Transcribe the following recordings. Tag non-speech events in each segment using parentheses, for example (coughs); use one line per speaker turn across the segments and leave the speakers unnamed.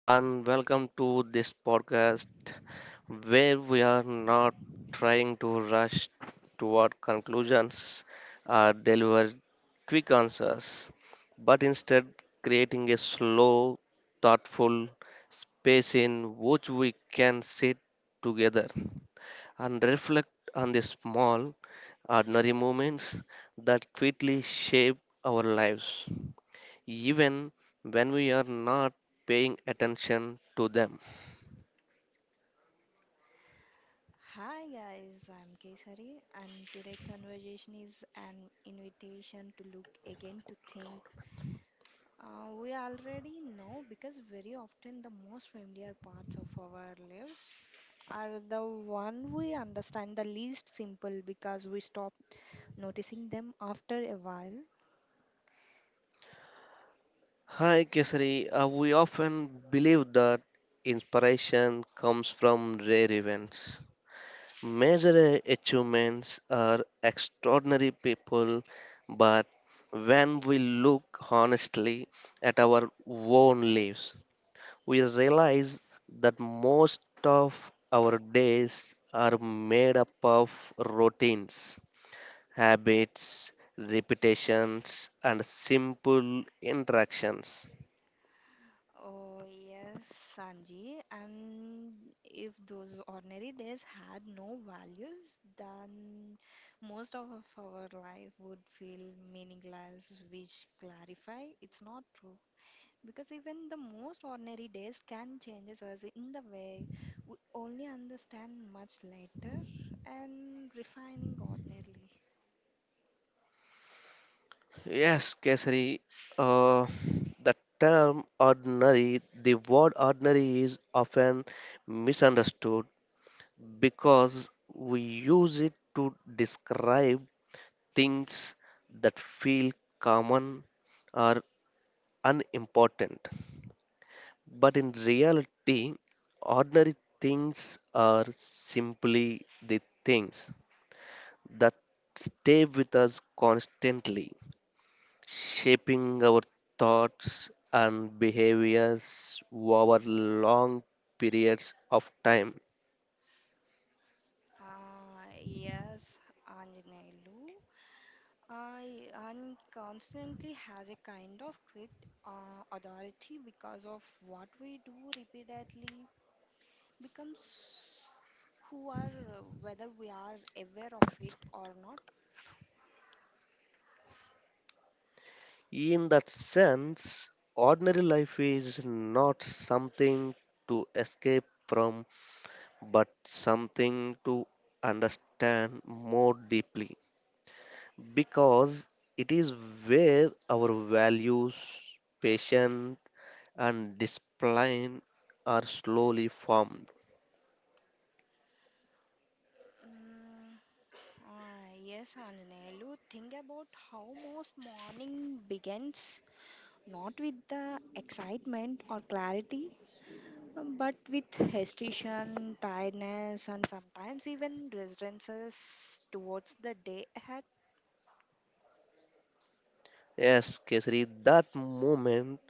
and welcome to this podcast where we are not trying to rush toward conclusions or deliver quick answers, but instead creating a slow, thoughtful space in which we can sit together and reflect on the small, ordinary moments that quickly shape our lives even when we are not paying attention to them.
Hi guys, I'm Kesari, and today conversation is an invitation to look again to think. We already know because very often the most familiar parts of our lives are the one we understand the least simple because we stop noticing them after a while.
Hi Kesari, we often believe that inspiration comes from rare events. Major achievements are extraordinary people, but when we look honestly at our own lives, we realize that most of our days are made up of routines habits, repetitions, and simple interactions.
Oh, yes, Sanji. And if those ordinary days had no values, then most of our life would feel meaningless, which clarify it's not true. Because even the most ordinary days can change us in the way we only understand much later and refining ordinarily.
Yes, Kesari, uh, the term ordinary, the word ordinary is often misunderstood because we use it to describe things that feel common or unimportant. But in reality, ordinary things are simply the things that stay with us constantly, shaping our thoughts and behaviors over long periods of time.
Ah, yes, Anjanelu. I and constantly has a kind of quick authority because of what we do repeatedly becomes who are whether we are aware of it or not.
In that sense, ordinary life is not something to escape from, but something to understand more deeply because it is where our values, patience, and discipline are slowly formed.
Mm, yes, Anjanelu, think about how most morning begins not with the excitement or clarity, but with hesitation, tiredness, and sometimes even resistances towards the day ahead.
Yes, Kesari, that moment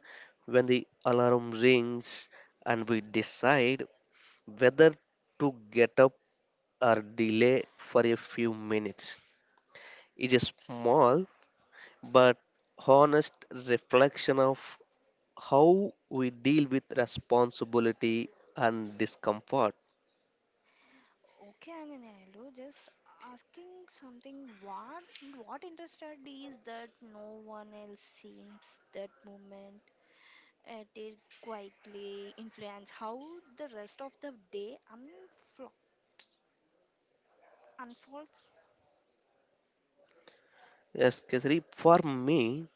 when the alarm rings and we decide whether to get up or delay for a few minutes is a small but honest reflection of how we deal with responsibility and discomfort.
Okay, Anganello, just asking something. What interested is that no one else seems that moment. It did quietly influence how the rest of the day unfolds.
Yes, Kesari, for me,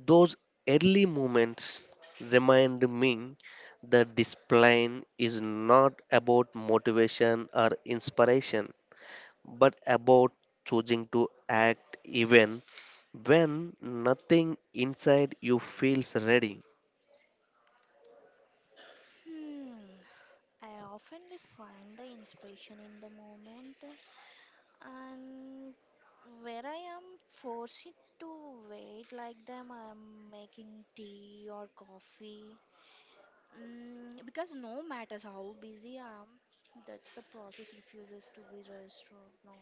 those early moments remind me that discipline is not about motivation or inspiration, but about choosing to act even when nothing inside you feels ready.
Hmm. I often find the inspiration in the moment, and where I am forced to wait, like them, I'm making tea or coffee. Mm, because no matters how busy I am, that's the process refuses to be rushed or no.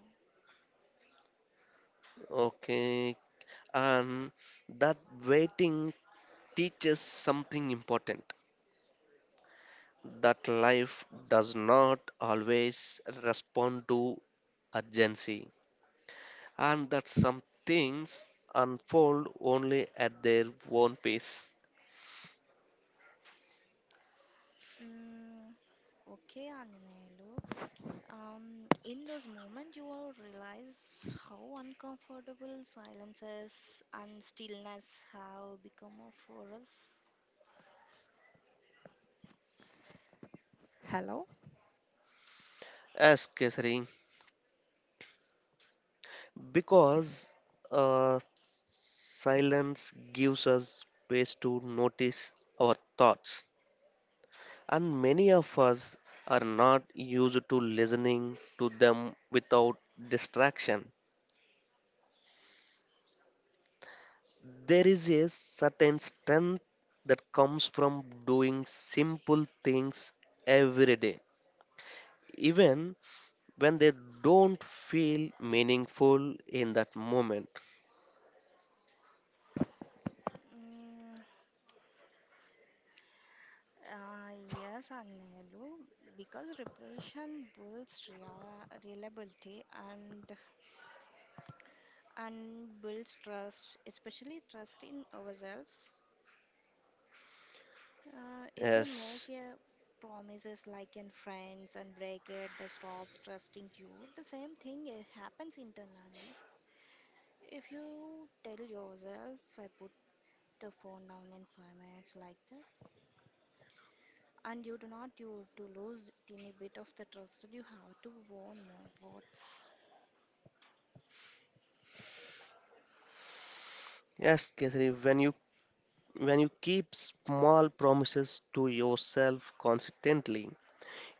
Okay, and that waiting teaches something important that life does not always respond to urgency and that some things unfold only at their own pace.
Mm, okay, Anjanelu. In those moments, you will realize how uncomfortable silences and stillness have become for us. Hello?
As Kesari, because uh, silence gives us space to notice our thoughts, and many of us are not used to listening to them without distraction. There is a certain strength that comes from doing simple things every day, even when they don't feel meaningful in that moment.
Mm, uh, yes, Anelu, because repression builds reliability and builds trust, especially trust in ourselves. If you make
Yes,
a promises like in friends and break it, that stops trusting you. The same thing happens internally. If you tell yourself, I put the phone down in 5 minutes like that, and you do not you to lose teeny bit of the trust, you have to warn more words.
yes, Kesari, when you keep small promises to yourself consistently,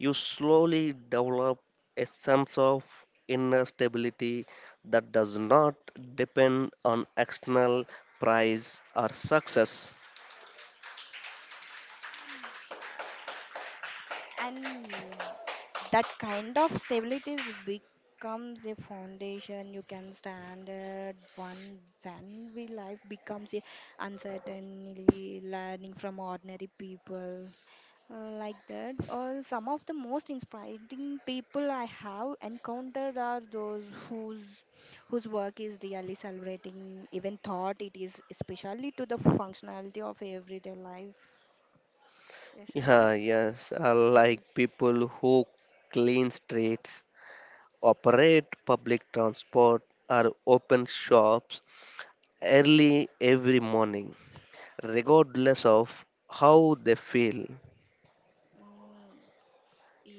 you slowly develop a sense of inner stability that does not depend on external prize or success.
And that kind of stability is becomes a foundation you can stand at one when we life becomes a uncertainly learning from ordinary people like that or some of the most inspiring people I have encountered are those whose work is really celebrating even thought it is especially to the functionality of everyday life yes or
Yeah,
no
yes, I
is it.
like people who clean streets operate public transport or open shops early every morning, regardless of how they feel.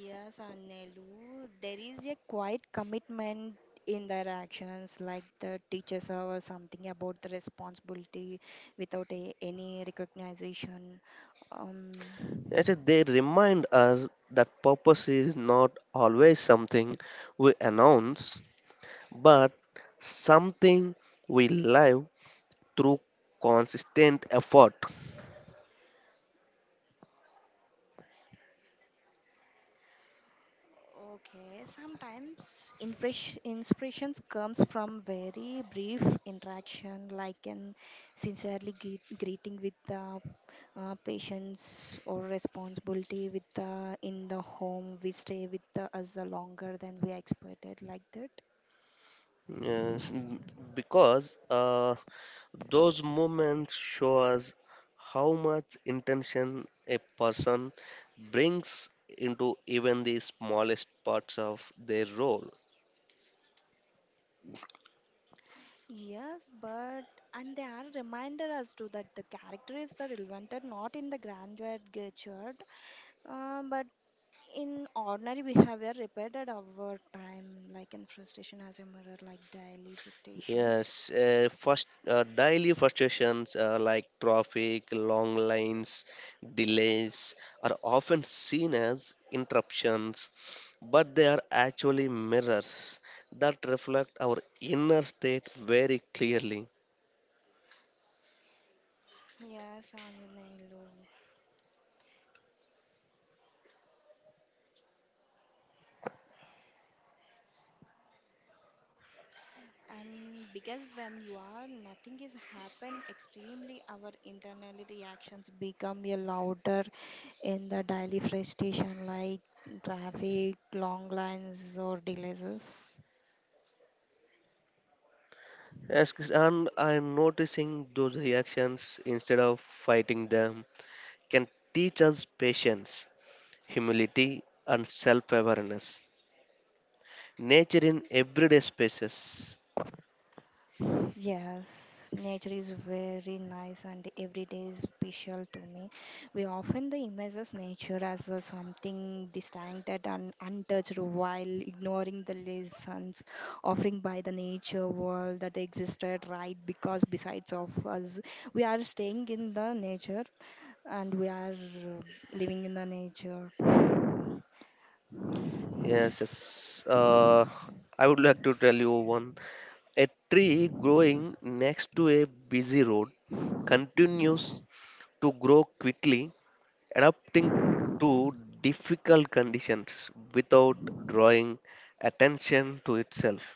Yes, Anelu, there is a quiet commitment in their actions, like the teachers or something about the responsibility without a, any recognition. Um,
Actually, they remind us that purpose is not always something we announce, but something we live through consistent effort.
okay, sometimes inspirations comes from very brief interaction, like an sincerely greeting with the patients or responsibility with the in the home we stay with the, us the longer than we expected, like that.
Yes, because those moments show us how much intention a person brings into even the smallest parts of their role.
Yes, but and they are reminded us to that the character is the relevant and not in the grandeur gadget, but in ordinary behavior repeated over time, like in frustration as a mirror, like daily frustrations.
Yes, first daily frustrations like traffic, long lines, delays are often seen as interruptions, but they are actually mirrors that reflect our inner state very clearly.
Yes, Anjanelu. And because when you are, nothing is happen extremely, our internal reactions become a louder in the daily frustration, like traffic, long lines, or delays.
Yes, and I'm noticing those reactions instead of fighting them can teach us patience, humility, and self awareness. Nature in everyday spaces.
Yes, nature is very nice and every day is special to me. We often the images nature as a something distant and untouched while ignoring the lessons offering by the nature world that existed right because besides of us we are staying in the nature and we are living in the nature.
Yes, yes. I would like to tell you one. A tree growing next to a busy road continues to grow quickly, adapting to difficult conditions without drawing attention to itself.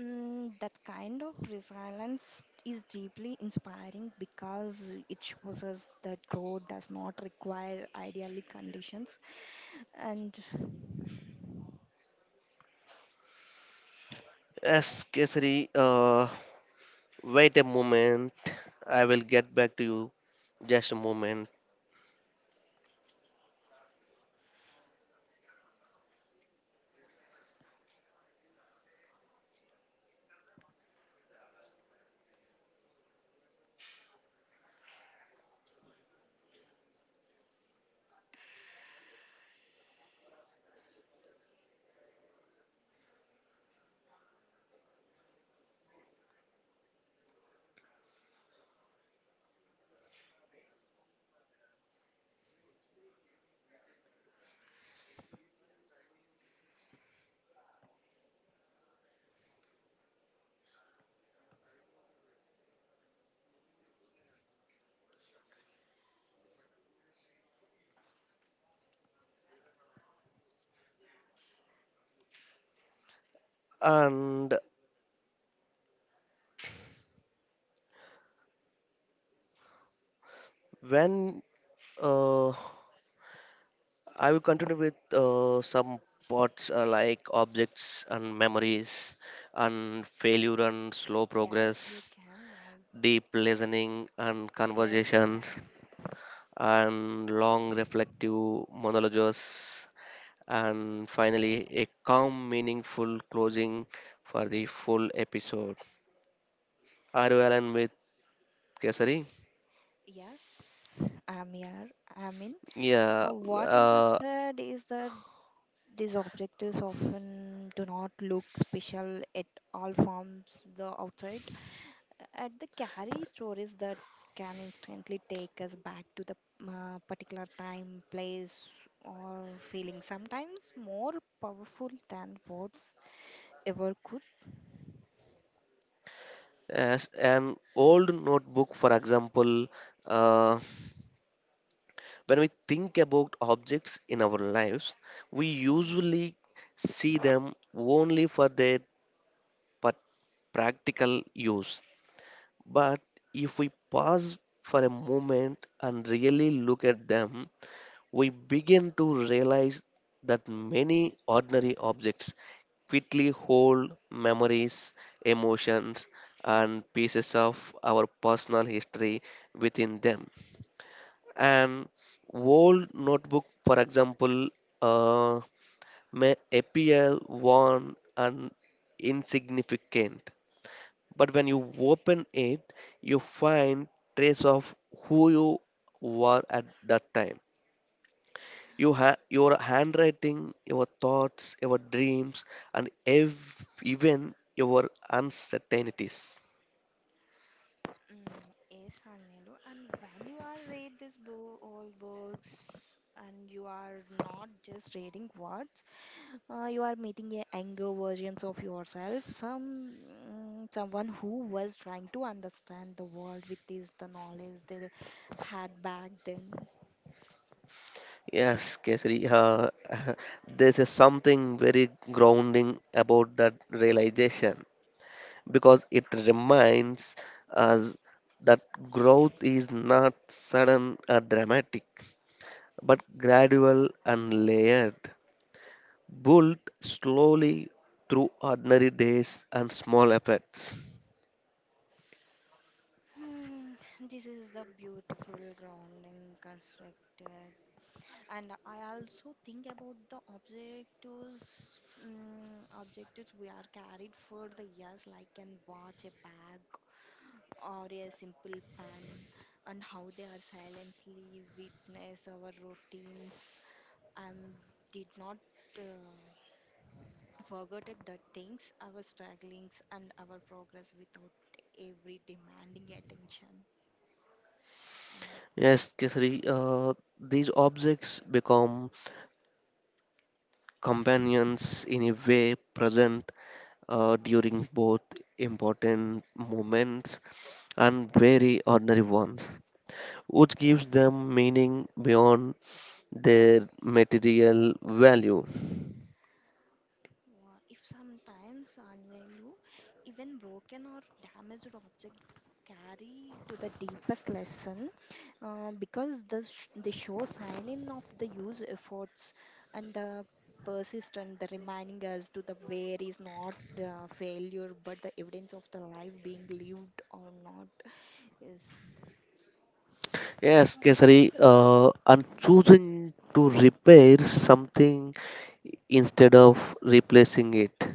Mm, that kind of resilience is deeply inspiring because it shows us that growth does not require ideally conditions. And
Yes, Kesari, wait a moment. I will get back to you. Just a moment. And when uh, I will continue with some parts like objects and memories, and failure and slow
yes, you
progress,
can.
deep listening and
Yes, you
conversations,
can.
and long reflective monologues, and finally a calm, meaningful closing for the full episode. R.O. Allen with Kesari.
Yes, I'm here. I'm in.
Yeah,
What
uh,
interested is that these objectives often do not look special at all from the outside at the carry stories that can instantly take us back to the particular time, place, or feeling, sometimes more powerful than words ever could.
as an old notebook, for example, uh, when we think about objects in our lives, we
Mm.
usually see them only for their pat- practical use. But if we pause for a moment and really look at them, we begin to realize that many ordinary objects quickly hold memories, emotions, and pieces of our personal history within them. An old notebook, for example, uh, may appear worn and insignificant, but when you open it, you find trace of who you were at that time. Your handwriting, your thoughts, your dreams, and even your uncertainties.
Mm, yes, Arnelo. And when you are read this book, all books, and you are not just reading words, you are meeting a younger versions of yourself some someone who was trying to understand the world with this the knowledge they had back then.
Yes, Kesari, (laughs) there's a something very grounding about that realization because it reminds us that growth is not sudden or dramatic, but gradual and layered, built slowly through ordinary days and small efforts.
Hmm, this is the beautiful grounding constructed, and I also think about the objectives. Objectives we are carried for the years, like an watch, a bag, or a simple pen, and how they are silently witness our routines. I did not uh, forget that things, our strugglings, and our progress without every demanding attention.
Yes, Kesari, these objects become companions in a way present during both important moments and very ordinary ones, which gives them meaning beyond their material value.
If sometimes Anvelu, even broken or damaged object carry to the deepest lesson because the they show sign in of the use efforts and the persistent, the reminding us to the where is not failure but the evidence of the life being lived or not. Yes, yes
Yes,
or no?
Kesari, and choosing to repair something instead of replacing it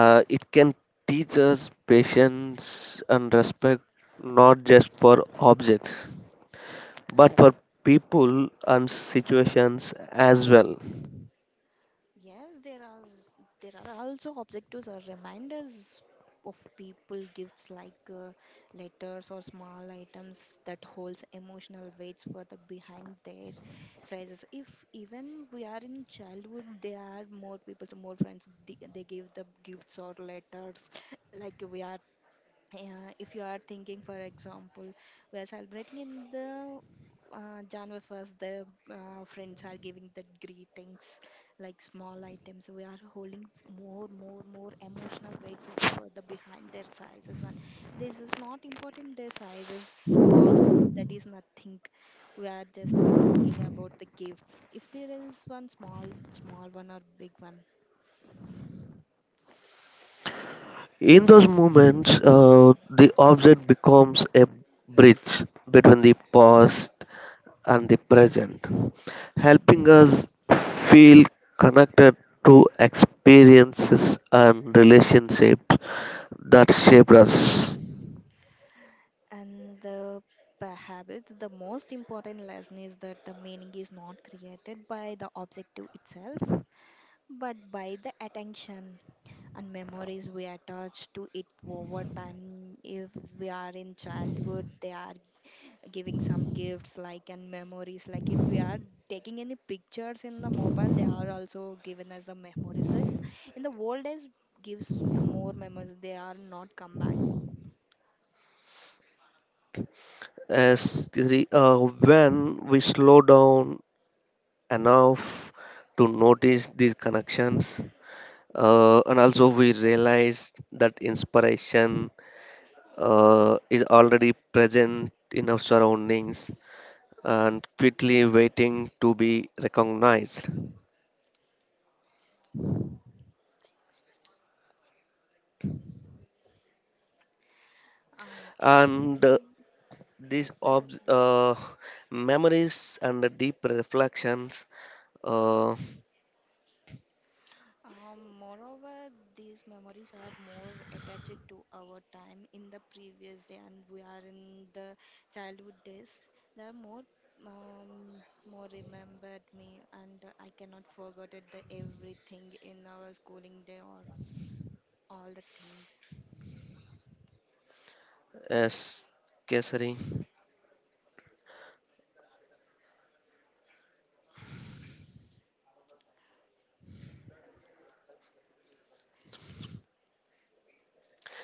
Uh, it can teach us patience and respect not just for objects but for people and situations as well.
Yes, there are also objectives or reminders of people gifts like letters or small items that holds emotional weights for the behind their sizes. If even we are in childhood, there are more people, so more friends. They give the gifts or letters (coughs) like we are if you are thinking for example we are celebrating in the January 1st, the friends are giving the greetings like small items. We are holding more, more, more emotional weights of the behind their sizes, and this is not important. Their sizes, cost, that is nothing. We are just thinking about the gifts. If there is one small, small one or big one.
In those moments, the object becomes a bridge between the past and the present, helping us feel connected to experiences and relationships that shaped us.
And the perhaps the most important lesson is that the meaning is not created by the objective itself, but by the attention and memories we attach to it over time. If we are in childhood, they are giving some gifts like and memories. Like if we are taking any pictures in the mobile, they are also given as the memories. That in the old days gives the more memories. They are not come back.
As Giri, when we slow down enough to notice these connections, and also we realize that inspiration is already present in our surroundings and quickly waiting to be recognized. And
Exactly,
these
exactly.
memories and the deep reflections, uh,
Moreover, these memories are more attached to our time in the previous day, and we are in the childhood days. They are more, um, more remembered me, and I cannot forget it, the everything in our schooling day or all the things.
as Kesari,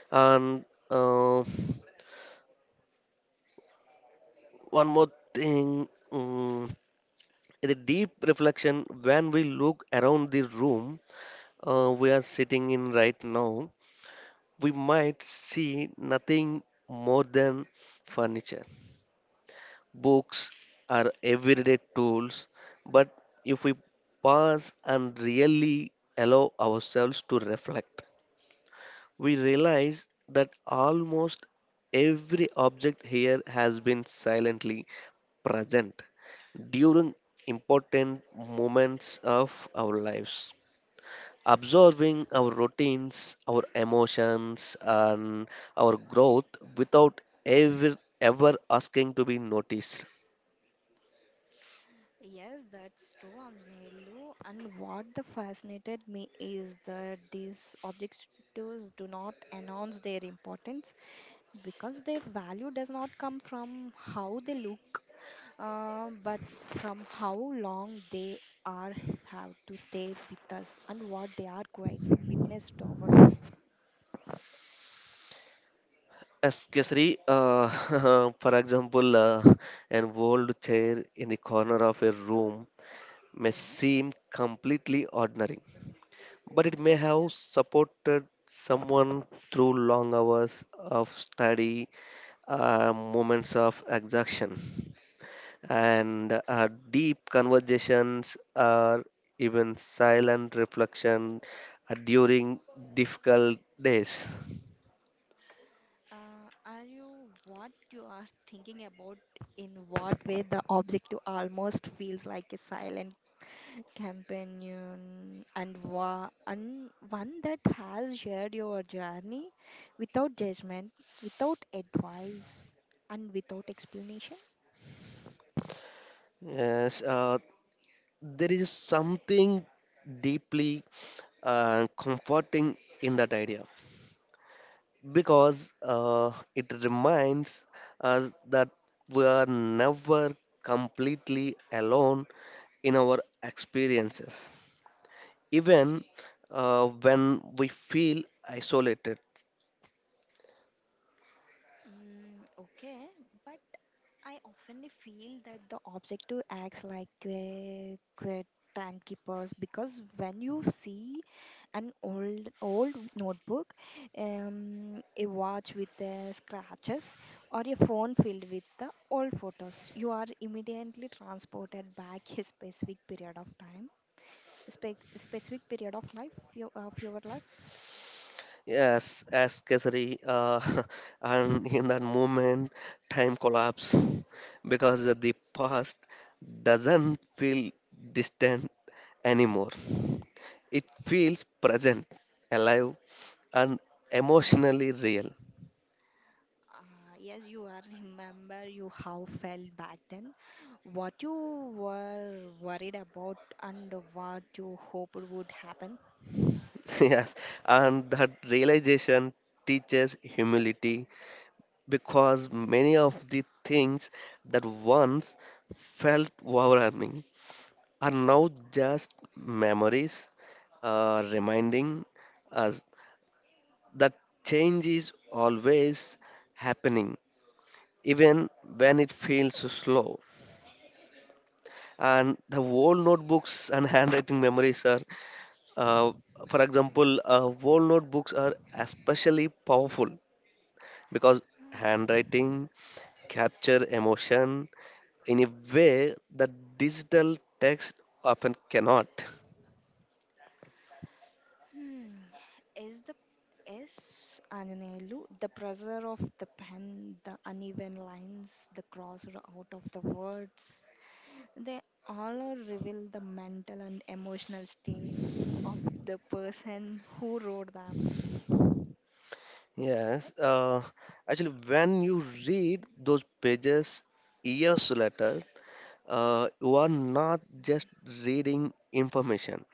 and uh, one more thing, mm the deep reflection: when we look around the room, we are sitting in right now, we might see nothing more than furniture, books, are everyday tools. But if we pause and really allow ourselves to reflect, we realize that almost every object here has been silently present during important moments of our lives, observing our routines, our emotions, and our growth without ever ever asking to be noticed.
Yes, that's true, Anjanelu. And what the fascinated me is that these objectives do not announce their importance. Because their value does not come from how they look, but from how long they are have to stay with us and what they are quietly witnessed over time.
Especially, (laughs) for example, an old chair in the corner of a room may
Yes,
seem completely ordinary, but
of
it may
course,
have
yes.
supported someone through long hours of study, moments of exhaustion, and deep conversations or even silent reflection during difficult days.
Are you what you are thinking about in what way the objective almost feels like a silent companion and, and one that has shared your journey without judgment, without advice, and without explanation?
Yes, there is something deeply comforting in that idea because it reminds us that we are never completely alone in our experiences, even when we feel isolated.
Mm, okay, but I often feel that the objective acts like a good timekeepers because when you see an old notebook, a watch with the scratches, or a phone filled with the old photos, you are immediately transported back a specific period of time, specific period of life of your life.
Yes, as Kesari, (laughs) and in that moment, time collapse (laughs) because the past doesn't feel distant anymore. It feels present, alive, and emotionally real.
Yes, you are remember you how felt back then, what you were worried about and what you hoped would happen.
(laughs) Yes, and that realization teaches humility because many of the things that once felt overwhelming are now just memories, reminding us that change is always happening, even when it feels slow. And the old notebooks (laughs) and handwriting memories are, uh, for example, old notebooks are especially powerful because handwriting capture emotion in a way that digital text often cannot.
Hmm. Is the is Ananelu the pressure of the pen, the uneven lines, the cross out of the words? They all are reveal the mental and emotional state of the person who wrote them.
Yes, actually, when you read those pages years later, you are not just reading information,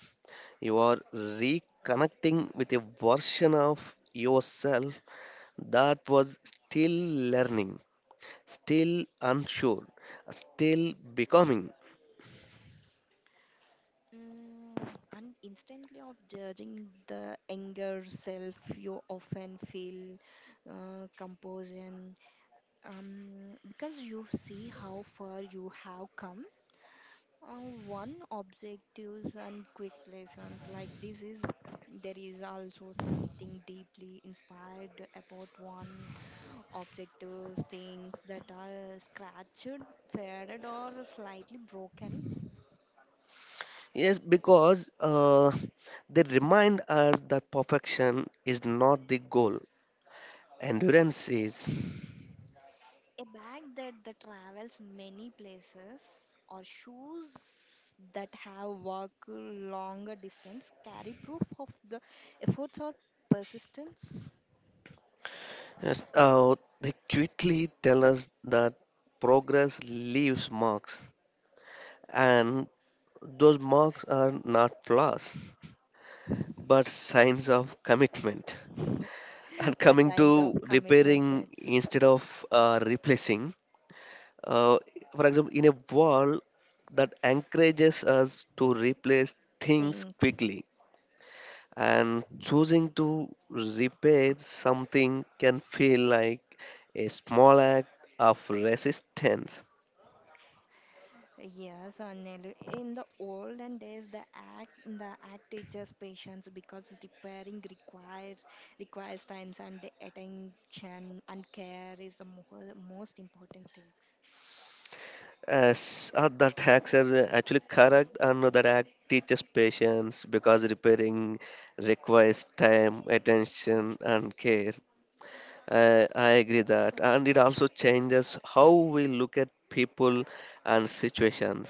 you are reconnecting with a version of yourself that was still learning, still unsure, still becoming.
Mm, and instantly of judging the anger self, you often feel composure because you see how far you have come. One objectives and quick lessons like this is there is also something deeply inspired about one objectives things that are scratched, faded or slightly broken.
Yes, because they remind us that perfection is not the goal, endurance is.
A bag that travels many places or shoes that have walked longer distance carry proof of the efforts or persistence,
Yes, they quickly tell us that progress leaves marks, and those marks are not flaws, but signs of commitment. And
(laughs) but
coming
signs of
to
commitment,
repairing
yes.
instead of replacing, uh, for example, in a wall that encourages us to replace things
Things.
quickly and choosing to repair something can feel like a small act of resistance.
Yes, Anelu. In the olden days, the act teaches patience because repairing requires times and attention and care is the most important things.
As that acts as actually correct, and that act teaches patience because repairing requires time,
Uh,
attention,
Attention.
and care. I agree that, and it also changes how we look at people and situations,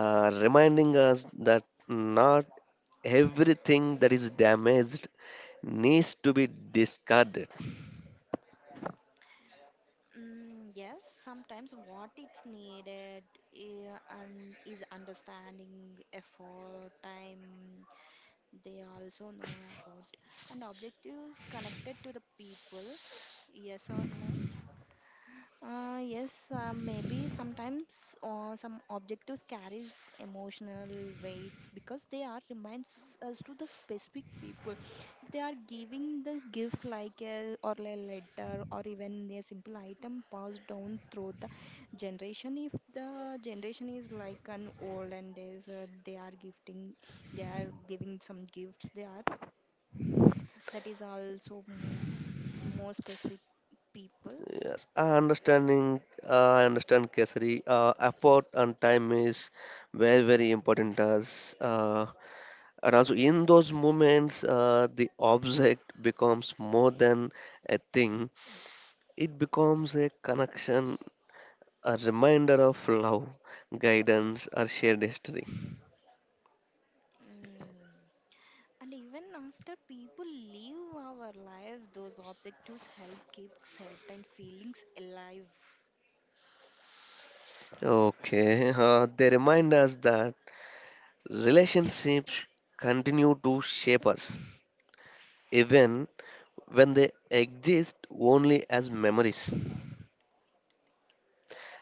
reminding us that not everything that is damaged needs to be discarded.
Mm, yes, sometimes what it's needed eh, and is understanding, effort, time. They also know about and objectives connected to the people. Yes or no? Yes, maybe sometimes some objectives carries emotional weights because they are reminds us to the specific people. If they are giving the gift like a or a letter or even a simple item passed down through the generation, if the generation is like an old and is they are gifting, they are giving some gifts. They are that is also m more specific peoples.
Yes, I understanding. I understand, Kesari. Effort and time is very, very important to us. And also, in those moments, the object becomes more than a thing. It becomes a connection, a reminder of love, guidance, or shared history.
Mm. And even after people leave our lives, those objectives help keep certain feelings alive.
Okay, they remind us that relationships continue to shape us even when they exist only as memories.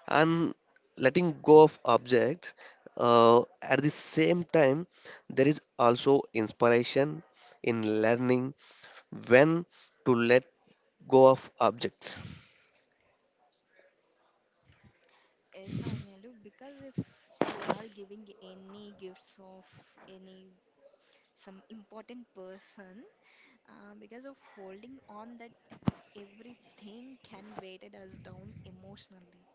And letting go of objects, at the same time, there is also inspiration in learning when to let go of objects.
Yes, Anelu, because if they are giving any gifts of any some important person because of holding on that everything can weight us down emotionally.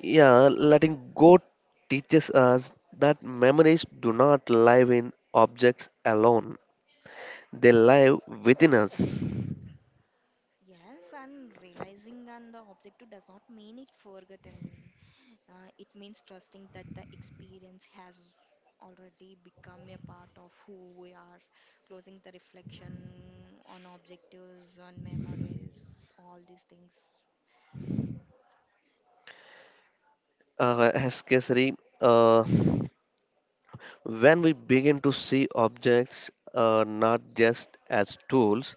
Yeah, letting go teaches us that memories do not live in objects alone. They live within us.
Yes, and realizing and the objective does not mean it forgotten. It means trusting that the experience has already become a part of who we are, closing the reflection on objectives, on memories, all these things.
As Kesari, uh, when we begin to see objects not just as tools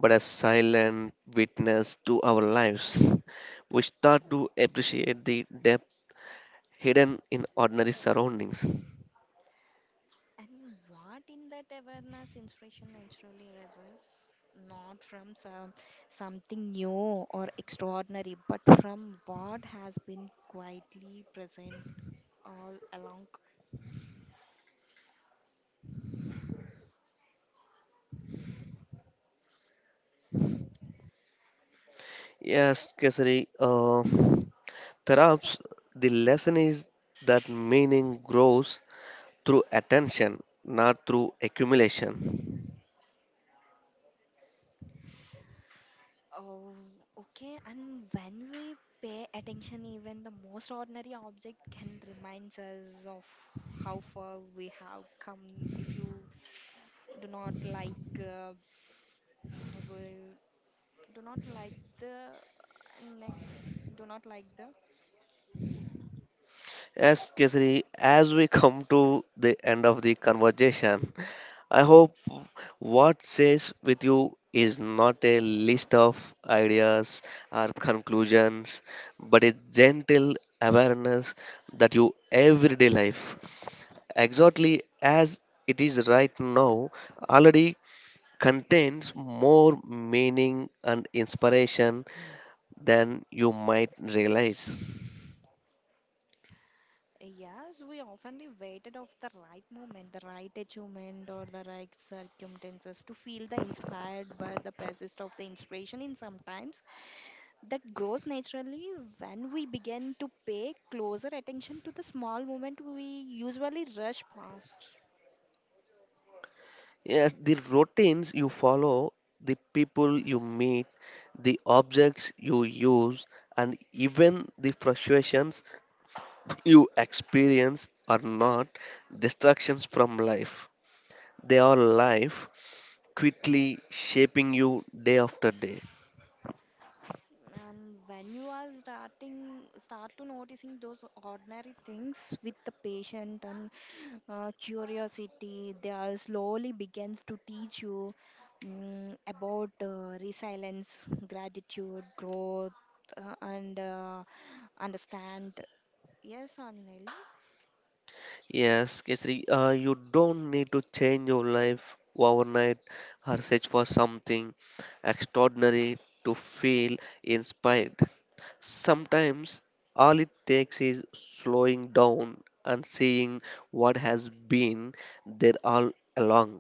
but as silent witness to our lives, we start to appreciate the depth hidden in ordinary surroundings.
And what in that awareness inspiration naturally arises? Not from some, something new or extraordinary, but from what has been quietly present all along.
Yes, Kesari, perhaps the lesson is that meaning grows through attention, not through accumulation.
Oh, okay. And when we pay attention, even the most ordinary object can remind us of how far we have come. If you do not like, if we do not like the next, do not like the
Yes, Kesari, as we come to the end of the conversation, I hope what stays with you is not a list of ideas or conclusions, but a gentle awareness that your everyday life, exactly as it is right now, already contains more meaning and inspiration than you might realize.
yes, we often the waited of the right moment, the right achievement, or the right circumstances to feel the inspired, but the persist of the inspiration in sometimes that grows naturally when we begin to pay closer attention to the small moment we usually rush past.
Yes, the routines you follow, the people you meet, the objects you use, and even the frustrations (laughs) you experience are not distractions from life. They are life quickly shaping you day after day.
And when you are starting start to noticing those ordinary things with the patient and curiosity they are slowly begins to teach you about resilience gratitude growth and understand yes anil.
Yes, Kesari, you don't need to change your life overnight or search for something extraordinary to feel inspired. Sometimes all it takes is slowing down and seeing what has been there all along.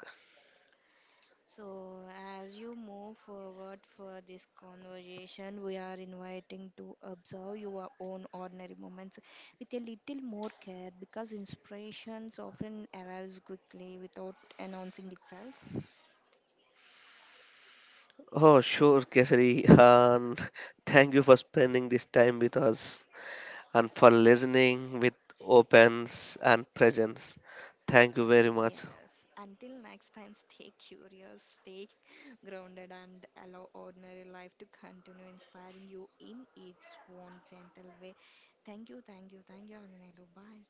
So, as you move forward for this conversation, we are inviting to observe your own ordinary moments with a little more care because inspirations often arrives quickly without announcing itself.
Oh, sure, Kesari. And thank you for spending this time with us and for listening with opens and presence. Thank you very much.
Yes. Until next time, stay curious, stay grounded, and allow ordinary life to continue inspiring you in its own gentle way. Thank you, thank you, thank you, Ananelu. Bye.